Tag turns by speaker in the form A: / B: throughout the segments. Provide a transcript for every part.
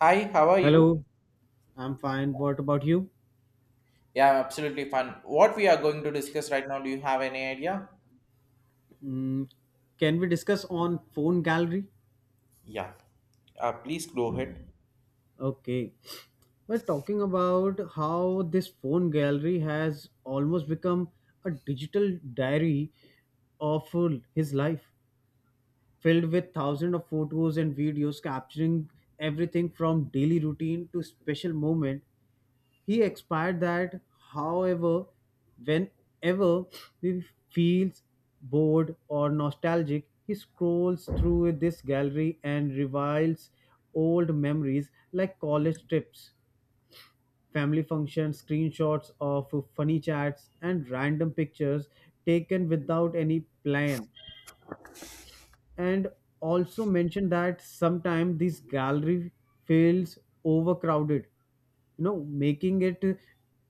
A: Hi, how are
B: Hello,
A: you?
B: I'm fine. What about you?
A: Yeah, I'm absolutely fine. What we are going to discuss right now, do you have any idea?
B: Mm, can we discuss on phone gallery?
A: Yeah, please go ahead.
B: Okay. We're talking about how this phone gallery has almost become a digital diary of his life, filled with thousands of photos and videos capturing everything from daily routine to special moment. He expired that, however, whenever he feels bored or nostalgic, he scrolls through this gallery and reviles old memories like college trips, family functions, screenshots of funny chats, and random pictures taken without any plan and also mentioned that sometimes this gallery feels overcrowded, making it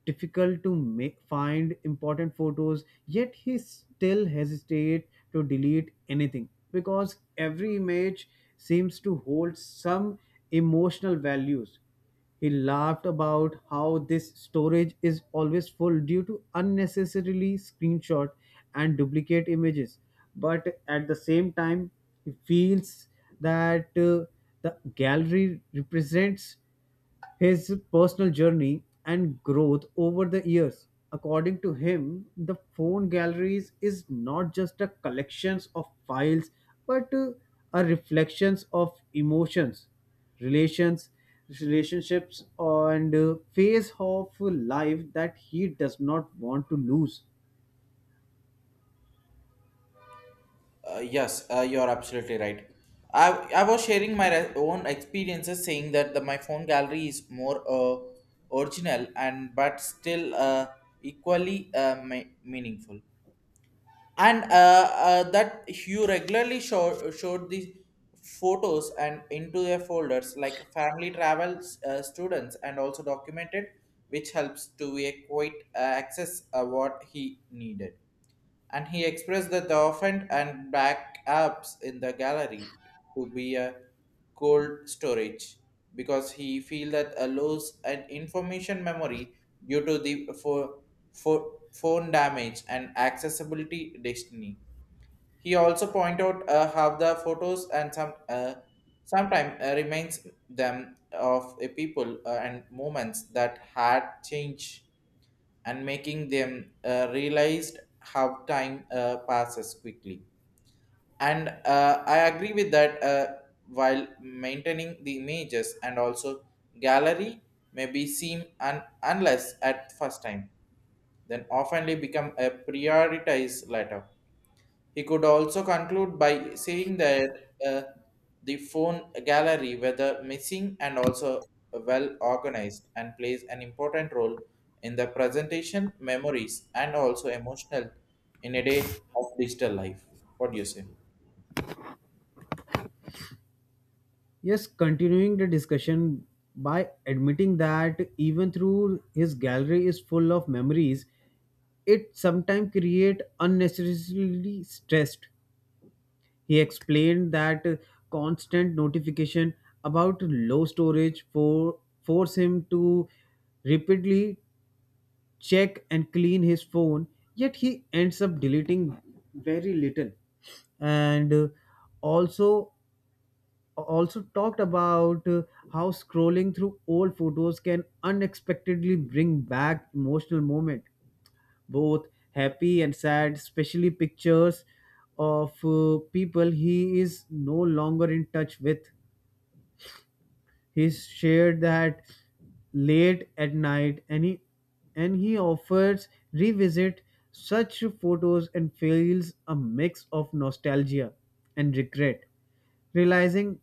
B: difficult to make, find important photos, yet he still hesitate to delete anything because every image seems to hold some emotional values. He laughed about how this storage is always full due to unnecessarily screenshot and duplicate images. But at the same time, he feels that the gallery represents his personal journey and growth over the years. According to him, the phone galleries is not just a collections of files but a reflections of emotions, relations, relationships and phase of life that he does not want to lose.
A: Yes, you're absolutely right. I was sharing my own experiences saying that my phone gallery is more original and but still equally meaningful. And that you regularly showed these photos and into their folders like family travels, students, and also documented, which helps to a quite access what he needed. And he expressed that the offend and back apps in the gallery to be a cold storage because he feel that a loss and information memory due to the phone damage and accessibility destiny. He also point out how the photos and some sometimes reminds them of a people and moments that had changed and making them realized how time passes quickly. And I agree with that. While maintaining the images and also gallery may be seen and unless at first time, then oftenly become a prioritized later. He could also conclude by saying that uh, the phone gallery, whether missing and also well organized, and plays an important role in the presentation, memories, and also emotional in a day of digital life. What do you say?
B: Yes, continuing the discussion by admitting that even through his gallery is full of memories, it sometimes create unnecessarily stressed. He explained that constant notification about low storage for force him to repeatedly check and clean his phone, yet he ends up deleting very little and also talked about how scrolling through old photos can unexpectedly bring back emotional moment, both happy and sad, especially pictures of people he is no longer in touch with. He shared that late at night and he offers revisit such photos and feels a mix of nostalgia and regret, realizing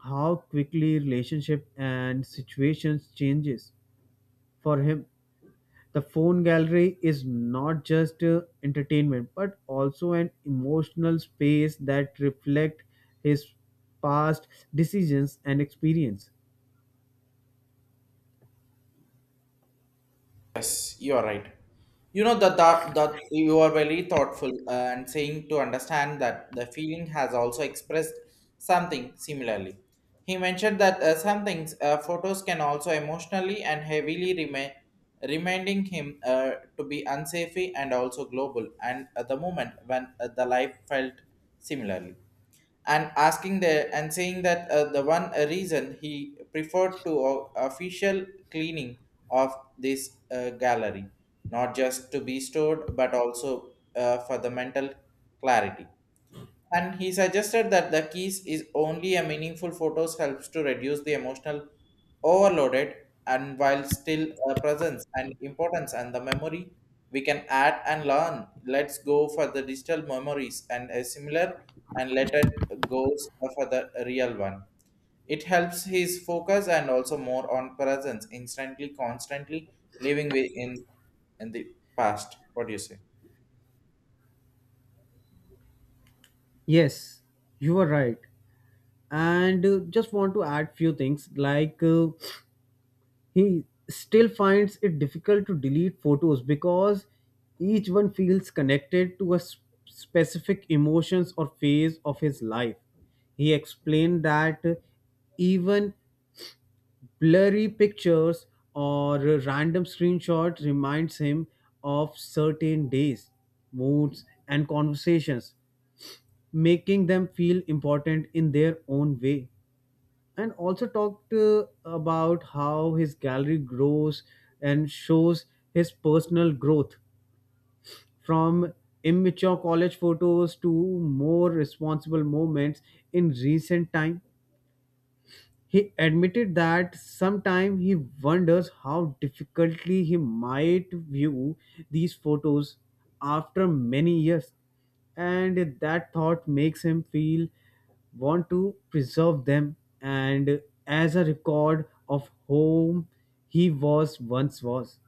B: how quickly relationship and situations changes for him. The phone gallery is not just entertainment but also an emotional space that reflect his past decisions and experience.
A: Yes, you are right. You know that you are very thoughtful and saying to understand that the feeling has also expressed something similarly. He mentioned that some things photos can also emotionally and heavily remain reminding him to be unsafe and also global and at the moment when the life felt similarly and asking the and saying that the one reason he preferred to official cleaning of this gallery not just to be stored but also for the mental clarity. And he suggested that the keys is only a meaningful photos helps to reduce the emotional overloaded and while still presence and importance and the memory we can add and learn. Let's go for the digital memories and a similar and let it goes for the real one. It helps his focus and also more on presence, instantly, constantly living in the past. What do you say?
B: Yes, you are right. And just want to add few things like he still finds it difficult to delete photos because each one feels connected to a specific emotions or phase of his life. He explained that even blurry pictures or random screenshots reminds him of certain days, moods and conversations, making them feel important in their own way and also talked about how his gallery grows and shows his personal growth from immature college photos to more responsible moments in recent time. He admitted that sometimes he wonders how difficultly he might view these photos after many years, and that thought makes him feel want to preserve them and as a record of whom he was once was.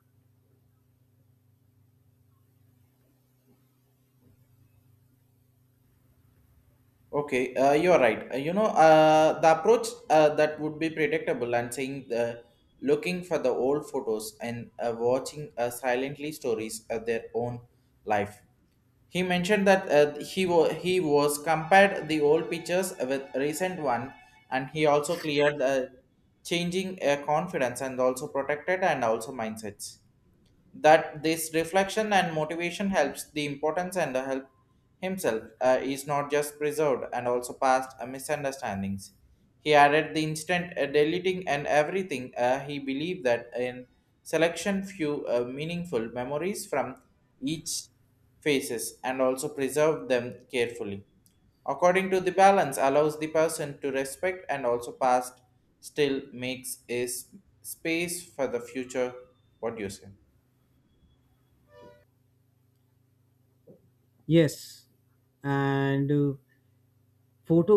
A: Okay, you're right. You know, the approach that would be predictable and saying the looking for the old photos and watching silently stories of their own life. He mentioned that he was compared the old pictures with recent one, and he also cleared changing confidence and also protected and also mindsets that this reflection and motivation helps the importance and the help himself is not just preserved and also past misunderstandings. He added the instant deleting and everything he believed that in selection few meaningful memories from each faces and also preserve them carefully according to the balance allows the person to respect and also past still makes a space for the future. What do you say?
B: Yes, and photo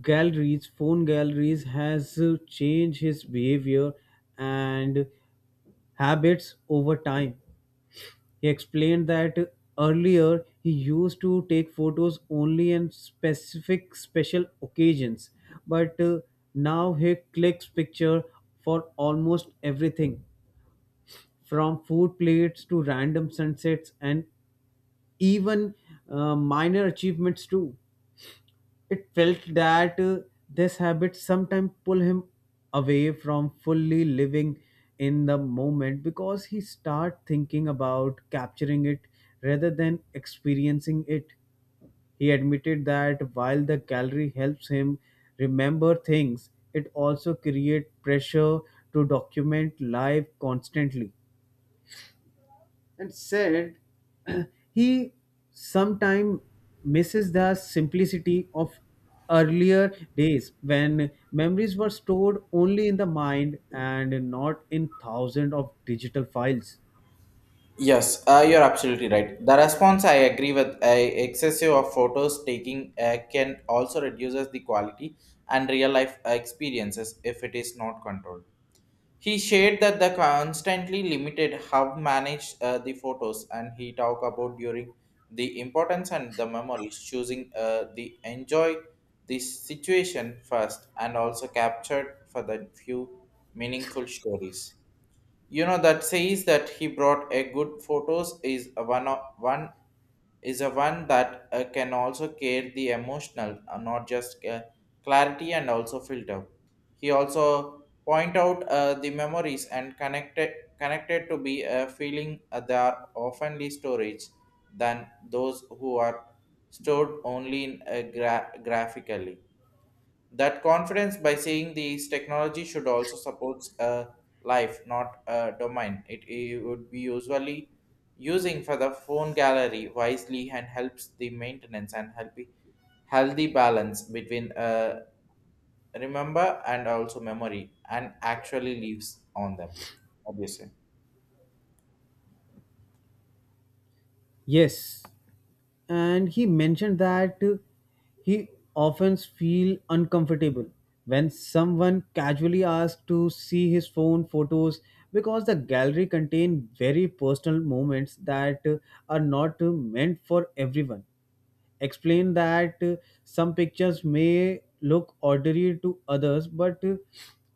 B: galleries phone galleries has changed his behavior and habits over time. He explained that earlier he used to take photos only on specific special occasions but now he clicks picture for almost everything, from food plates to random sunsets and even minor achievements too. It felt that this habit sometimes pull him away from fully living in the moment because he start thinking about capturing it rather than experiencing it. He admitted that while the gallery helps him remember things, it also creates pressure to document life constantly and said he sometimes misses the simplicity of earlier days when memories were stored only in the mind and not in thousands of digital files.
A: Yes, you're absolutely right. The response I agree with. A excessive of photos taking can also reduces the quality and real life experiences if it is not controlled. He shared that the constantly limited how managed the photos, and he talked about during the importance and the memories, choosing the enjoy the situation first, and also captured for the few meaningful stories. You know that says that he brought a good photos is a one that can also create the emotional, not just clarity and also filter. He also point out the memories and connected to be a feeling, they are oftenly storage than those who are stored only in graphically. That confidence by saying these technology should also support a life not a domain. It would be usually using for the phone gallery wisely and helps the maintenance and healthy balance between remember and also memory and actually lives on them obviously.
B: Yes, and he mentioned that he often feel uncomfortable when someone casually asks to see his phone photos because the gallery contain very personal moments that are not meant for everyone. Explain that some pictures may look ordinary to others but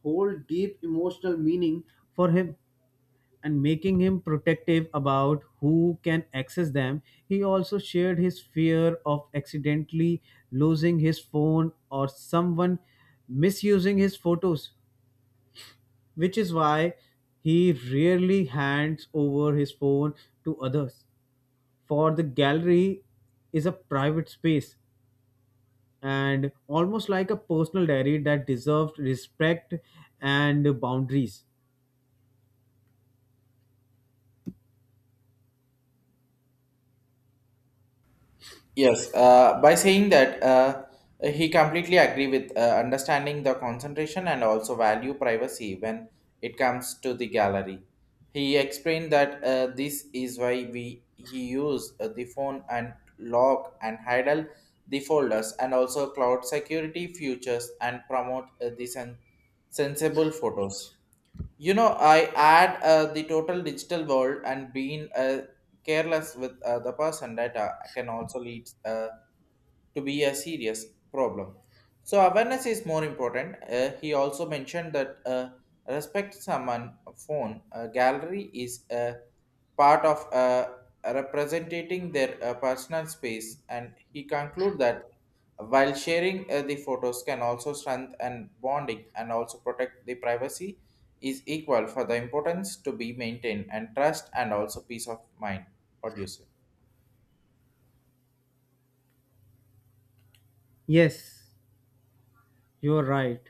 B: hold deep emotional meaning for him and making him protective about who can access them. He also shared his fear of accidentally losing his phone or someone misusing his photos, which is why he rarely hands over his phone to others. For the gallery is a private space and almost like a personal diary that deserves respect and boundaries.
A: Yes, by saying that, he completely agree with understanding the concentration and also value privacy when it comes to the gallery. He explained that this is why we he use the phone and lock and hide the folders and also cloud security features and promote the sensible photos. You know, I add the total digital world and being careless with the person data can also lead to be a serious problem. So awareness is more important. He also mentioned that respect someone phone gallery is a part of representing their personal space, and he concluded that while sharing the photos can also strengthen bonding and also protect the privacy is equal for the importance to be maintained and trust and also peace of mind. What do you say?
B: Yes, you're right.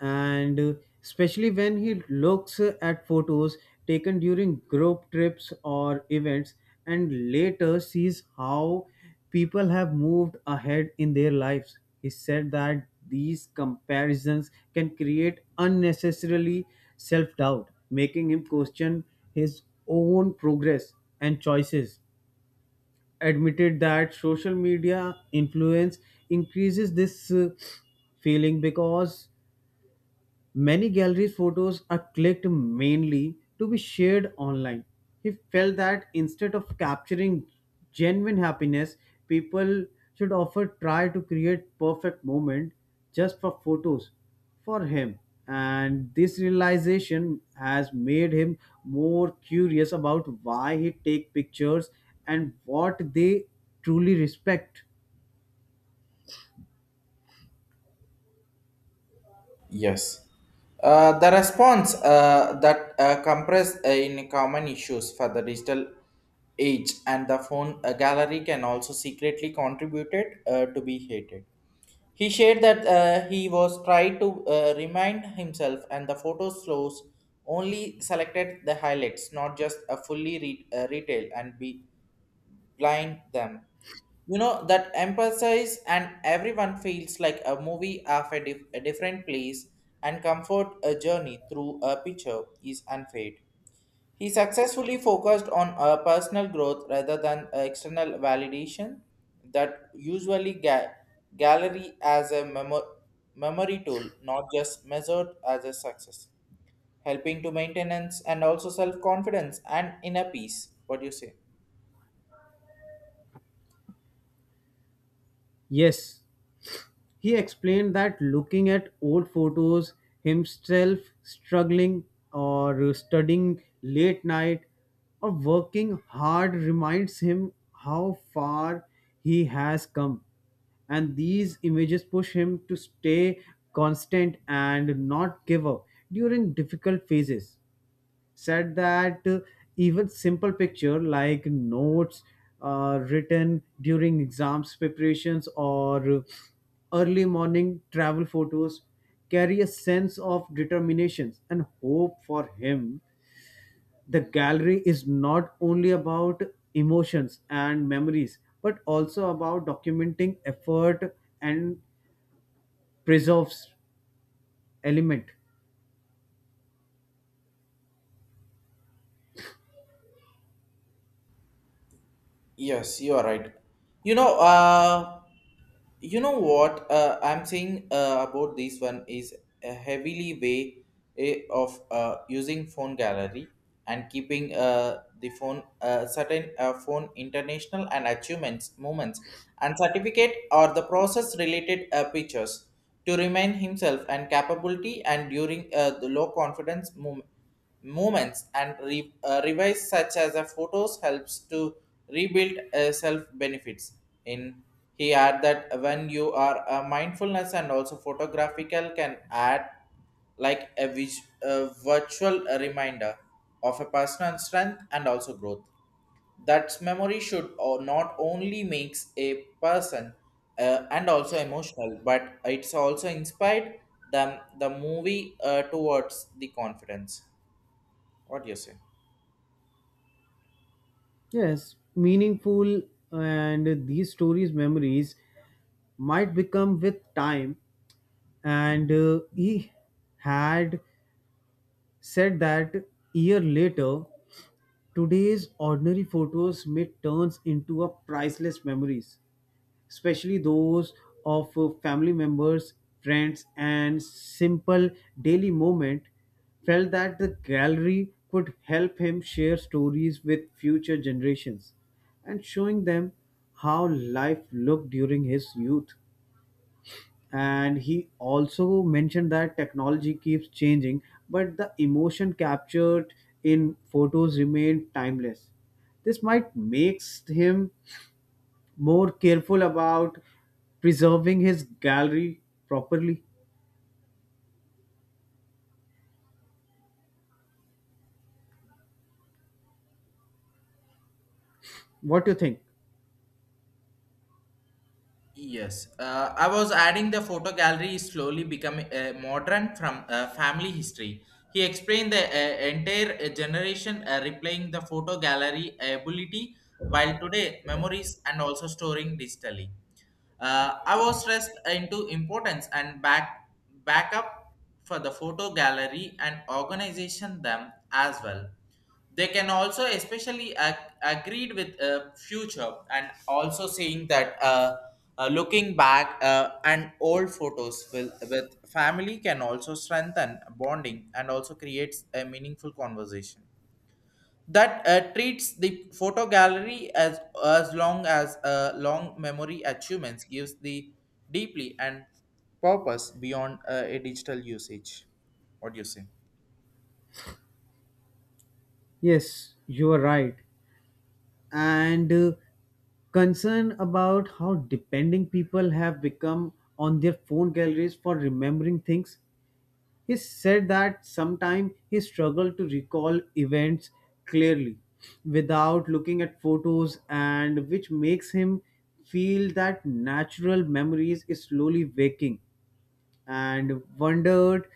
B: And especially when he looks at photos taken during group trips or events and later sees how people have moved ahead in their lives. He said that these comparisons can create unnecessarily self doubt, making him question his own progress and choices. Admitted that social media influence increases this feeling because many galleries' photos are clicked mainly to be shared online. He felt that instead of capturing genuine happiness, people should often try to create perfect moment just for photos for him. And this realization has made him more curious about why he take pictures and what they truly respect.
A: Yes. The response that compress in common issues for the digital age and the phone gallery can also secretly contributed to be hated. He shared that he was tried to remind himself and the photo slows only selected the highlights, not just a fully retail and be blind them. You know, that emphasize and everyone feels like a movie of a different place and comfort a journey through a picture is unfade. He successfully focused on a personal growth rather than external validation that usually gallery as a memory tool, not just measured as a success, helping to maintenance and also self-confidence and inner peace. What do you say?
B: Yes, he explained that looking at old photos, himself struggling or studying late night or working hard reminds him how far he has come. And these images push him to stay constant and not give up during difficult phases. Said that even simple picture like notes written during exams preparations or early morning travel photos carry a sense of determination and hope for him. The gallery is not only about emotions and memories but also about documenting effort and preserves element.
A: Yes, you are right. You know, uh, you know what I'm saying about this one is a heavily way of using phone gallery and keeping the phone certain phone international and achievements moments and certificate or the process related pictures to remind himself and capability and during the low confidence moment movements and revise such as a photos helps to rebuild self benefits in. He add that when you are a mindfulness and also photographical can add like a virtual reminder of a personal strength and also growth that memory should not only makes a person and also emotional but it's also inspired them the movie towards the confidence. What do you say?
B: Yes, meaningful, and these stories, memories might become with time. And he had said that year later, today's ordinary photos may turns into a priceless memories, especially those of family members, friends, and simple daily moment. Felt that the gallery could help him share stories with future generations and showing them how life looked during his youth. And he also mentioned that technology keeps changing, but the emotion captured in photos remain timeless. This might makes him more careful about preserving his gallery properly. What do you think?
A: Yes, I was adding the photo gallery is slowly becoming modern from family history. He explained the entire generation replaying the photo gallery ability while today memories and also storing digitally. I was stressed into importance and backup for the photo gallery and organization them as well. They can also especially agreed with future and also saying that looking back and old photos will, with family can also strengthen bonding and also creates a meaningful conversation that treats the photo gallery as as long as long memory achievements gives the deeply and purpose beyond a digital usage. What do you say?
B: Yes, you are right. And concern about how depending people have become on their phone galleries for remembering things. He said that sometimes he struggled to recall events clearly without looking at photos, and which makes him feel that natural memories is slowly waking and wondered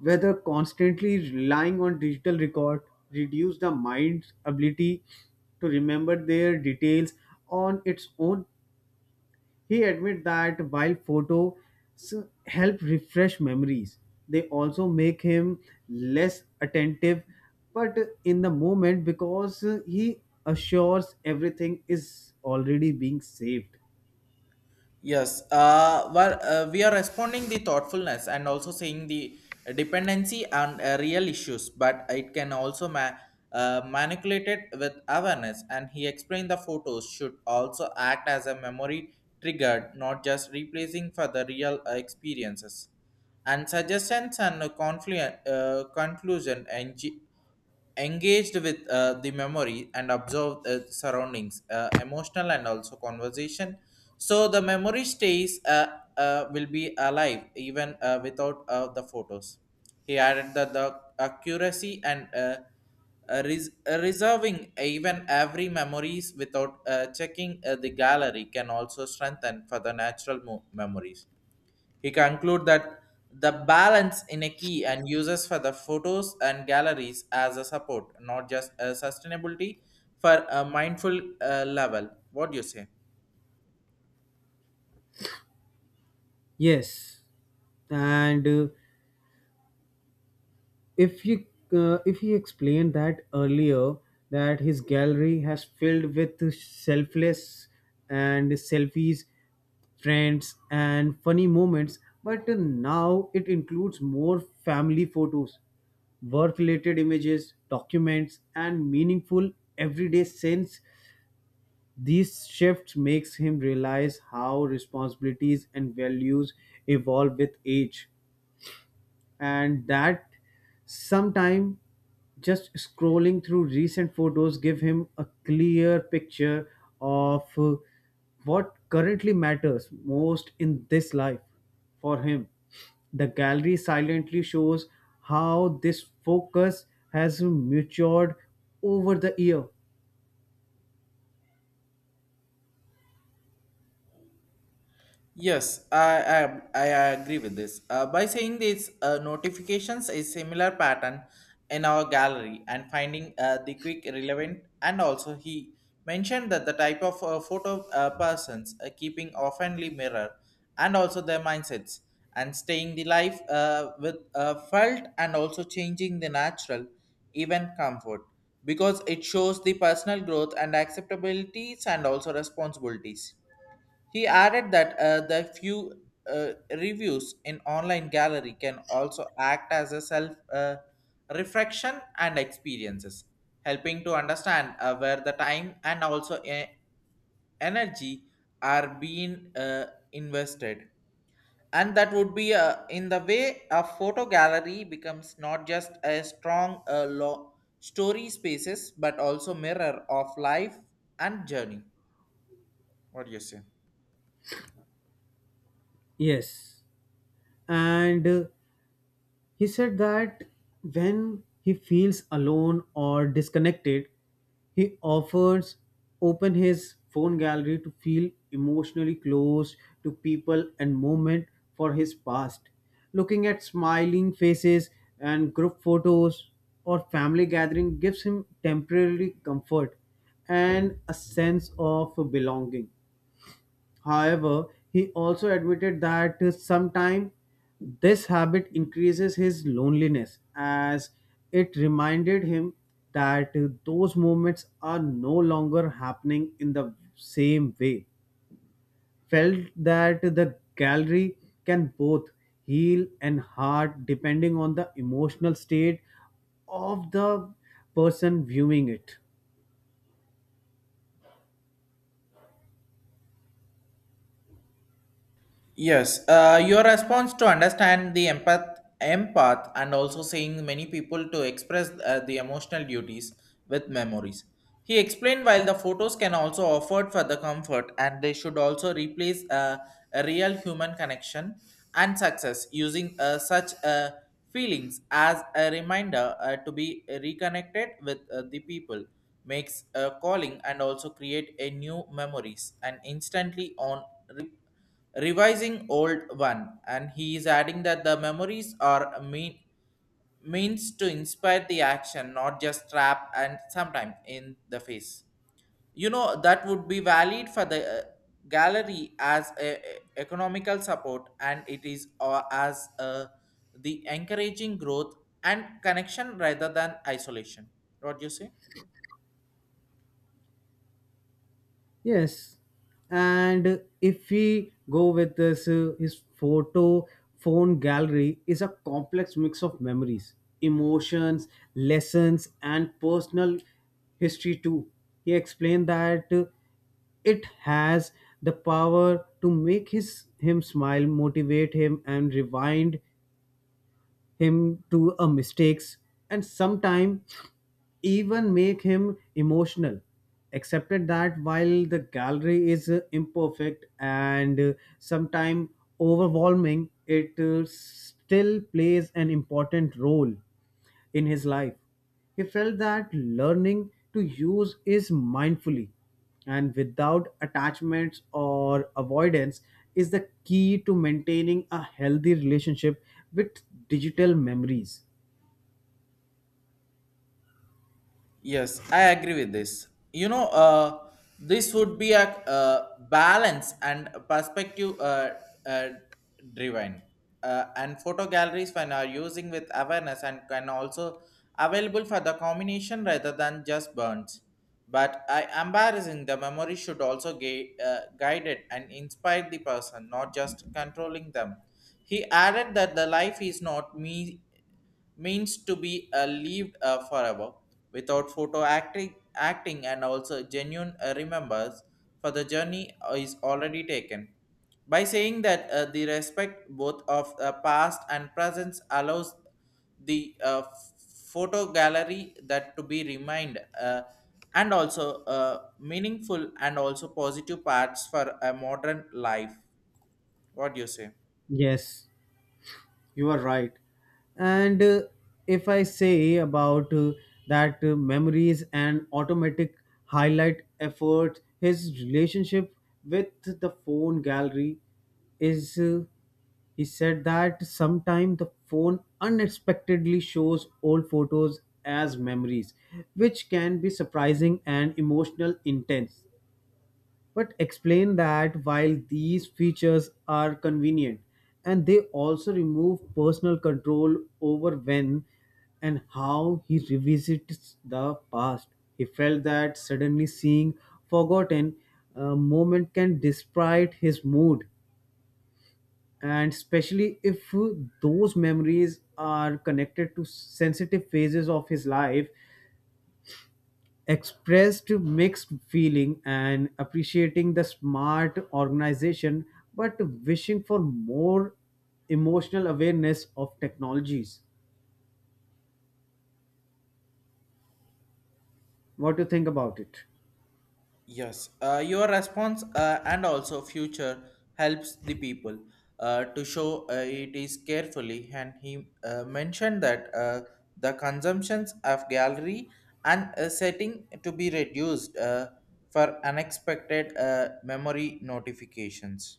B: whether constantly relying on digital record reduced the mind's ability to remember their details on its own. He admitted that while photos help refresh memories, they also make him less attentive, but in the moment because he assures everything is already being saved.
A: Yes, well, we are responding the thoughtfulness and also saying the dependency and real issues, but it can also manipulate it with awareness. And he explained the photos should also act as a memory triggered, not just replacing for the real experiences. And suggestions and conclusion engaged with the memory and observe the surroundings emotional and also conversation so the memory stays will be alive even without the photos. He added that the accuracy and reserving even every memories without checking the gallery can also strengthen for the natural memories. He conclude that the balance in a key and uses for the photos and galleries as a support, not just a sustainability for a mindful level. What do you say?
B: Yes, and if he if he explained that earlier that his gallery has filled with selfless and selfies, friends and funny moments, but now it includes more family photos, work related images, documents and meaningful everyday sense. These shifts makes him realize how responsibilities and values evolve with age, and that sometime just scrolling through recent photos give him a clear picture of what currently matters most in this life for him. The gallery silently shows how this focus has matured over the year.
A: Yes, I agree with this. By saying these notifications, a similar pattern in our gallery and finding the quick relevant, and also he mentioned that the type of photo persons keeping oftenly mirror, and also their mindsets and staying the life with felt and also changing the natural, even comfort, because it shows the personal growth and acceptabilities and also responsibilities. He added that the few reviews in online gallery can also act as a self reflection and experiences, helping to understand where the time and also energy are being invested. And that would be in the way a photo gallery becomes not just a strong story spaces, but also mirror of life and journey. What do you say?
B: Yes, and he said that when he feels alone or disconnected, he offers open his phone gallery to feel emotionally close to people and moment for his past. Looking at smiling faces and group photos or family gathering gives him temporary comfort and a sense of belonging. However, he also admitted that sometimes this habit increases his loneliness as it reminded him that those moments are no longer happening in the same way. Felt that the gallery can both heal and hurt depending on the emotional state of the person viewing it.
A: Yes, your response to understand the and also saying many people to express the emotional duties with memories. He explained while the photos can also offered for the comfort, and they should also replace a real human connection and success using such feelings as a reminder to be reconnected with the people makes a calling and also create a new memories and instantly on revising old one, and he is adding that the memories are means to inspire the action, not just trap and sometime in the face. You know that would be valid for the gallery as economical support, and it is as the encouraging growth and connection rather than isolation. What do you say?
B: Yes, and if we go with this, his photo phone gallery is a complex mix of memories, emotions, lessons, and personal history too. He explained that it has the power to make his him smile, motivate him, and rewind him to a mistakes and sometimes even make him emotional. Accepted that while the gallery is imperfect and sometimes overwhelming, it still plays an important role in his life. He felt that learning to use is mindfully and without attachments or avoidance is the key to maintaining a healthy relationship with digital memories.
A: Yes, I agree with this. You know, this would be a balance and perspective, uh, driven. And photo galleries when are using with awareness and can also available for the combination rather than just burns. But I embarrassing the memory should also guide it and inspire the person, not just controlling them. He added that the life is not me means to be lived forever without photo acting and also genuine remembers for the journey is already taken. By saying that the respect both of past and presence allows the photo gallery that to be remind and also meaningful and also positive parts for a modern life. What do you say?
B: Yes, you are right. And if I say about that memories and automatic highlight effort, his relationship with the phone gallery is, he said that sometimes the phone unexpectedly shows old photos as memories, which can be surprising and emotional intense. But explain that while these features are convenient, and they also remove personal control over when and how he revisits the past, he felt that suddenly seeing forgotten moment can despite his mood, and especially if those memories are connected to sensitive phases of his life. Expressed mixed feeling and appreciating the smart organization but wishing for more emotional awareness of technologies. What do you think about it?
A: Yes, your response and also future helps the people to show it is carefully. And he mentioned that the consumptions of gallery and setting to be reduced for unexpected memory notifications.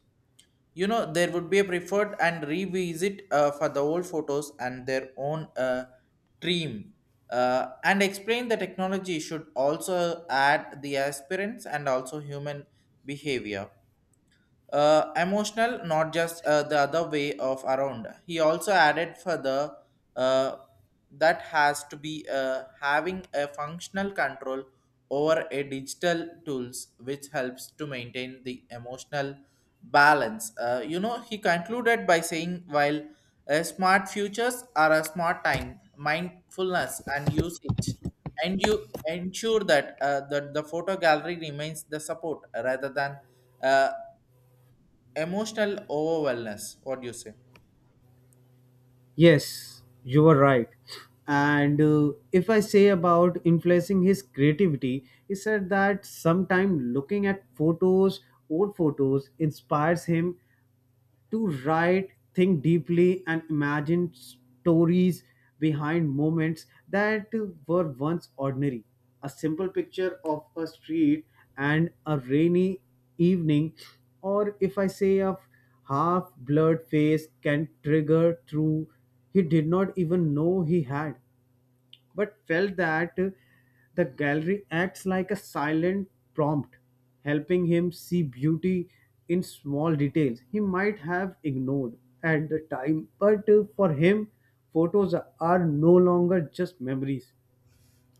A: You know, there would be a preferred and revisit for the old photos and their own dream, and explain the technology should also add the aspirants and also human behavior, emotional, not just the other way of around. He also added further uh, that has to be having a functional control over a digital tools which helps to maintain the emotional balance. You know, he concluded by saying while a smart futures are a smart time mindfulness and usage, and you ensure that the photo gallery remains the support rather than uh, emotional overwhelmness. What do you say?
B: Yes, you were right. And if I say about influencing his creativity, he said that sometime looking at photos old photos inspires him to write, think deeply, and imagine stories behind moments that were once ordinary. A simple picture of a street and a rainy evening, or if I say a half blurred face, can trigger through he did not even know he had. But felt that the gallery acts like a silent prompt, helping him see beauty in small details he might have ignored at the time. But for him, photos are no longer just memories,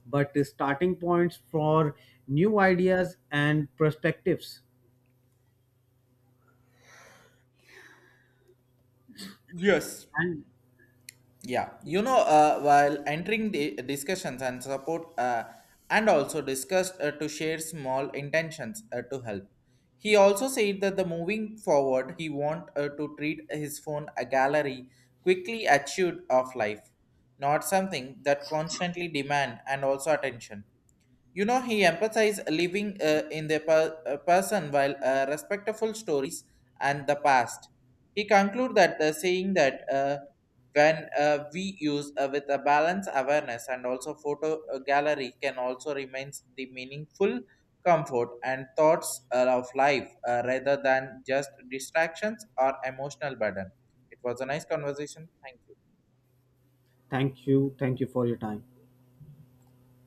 B: but starting points for new ideas and perspectives.
A: Yes.
B: And
A: Yeah, you know, while entering the discussions and support, and also discussed to share small intentions to help. He also said that the moving forward, he want to treat his phone a gallery quickly achieved of life, not something that constantly demand and also attention. You know, he empathized living in the person while respectful stories and the past. He concluded that the saying that when we use with a balance awareness and also photo gallery can also remains the meaningful comfort and thoughts of life rather than just distractions or emotional burden. It was a nice conversation. Thank you.
B: thank you for your time.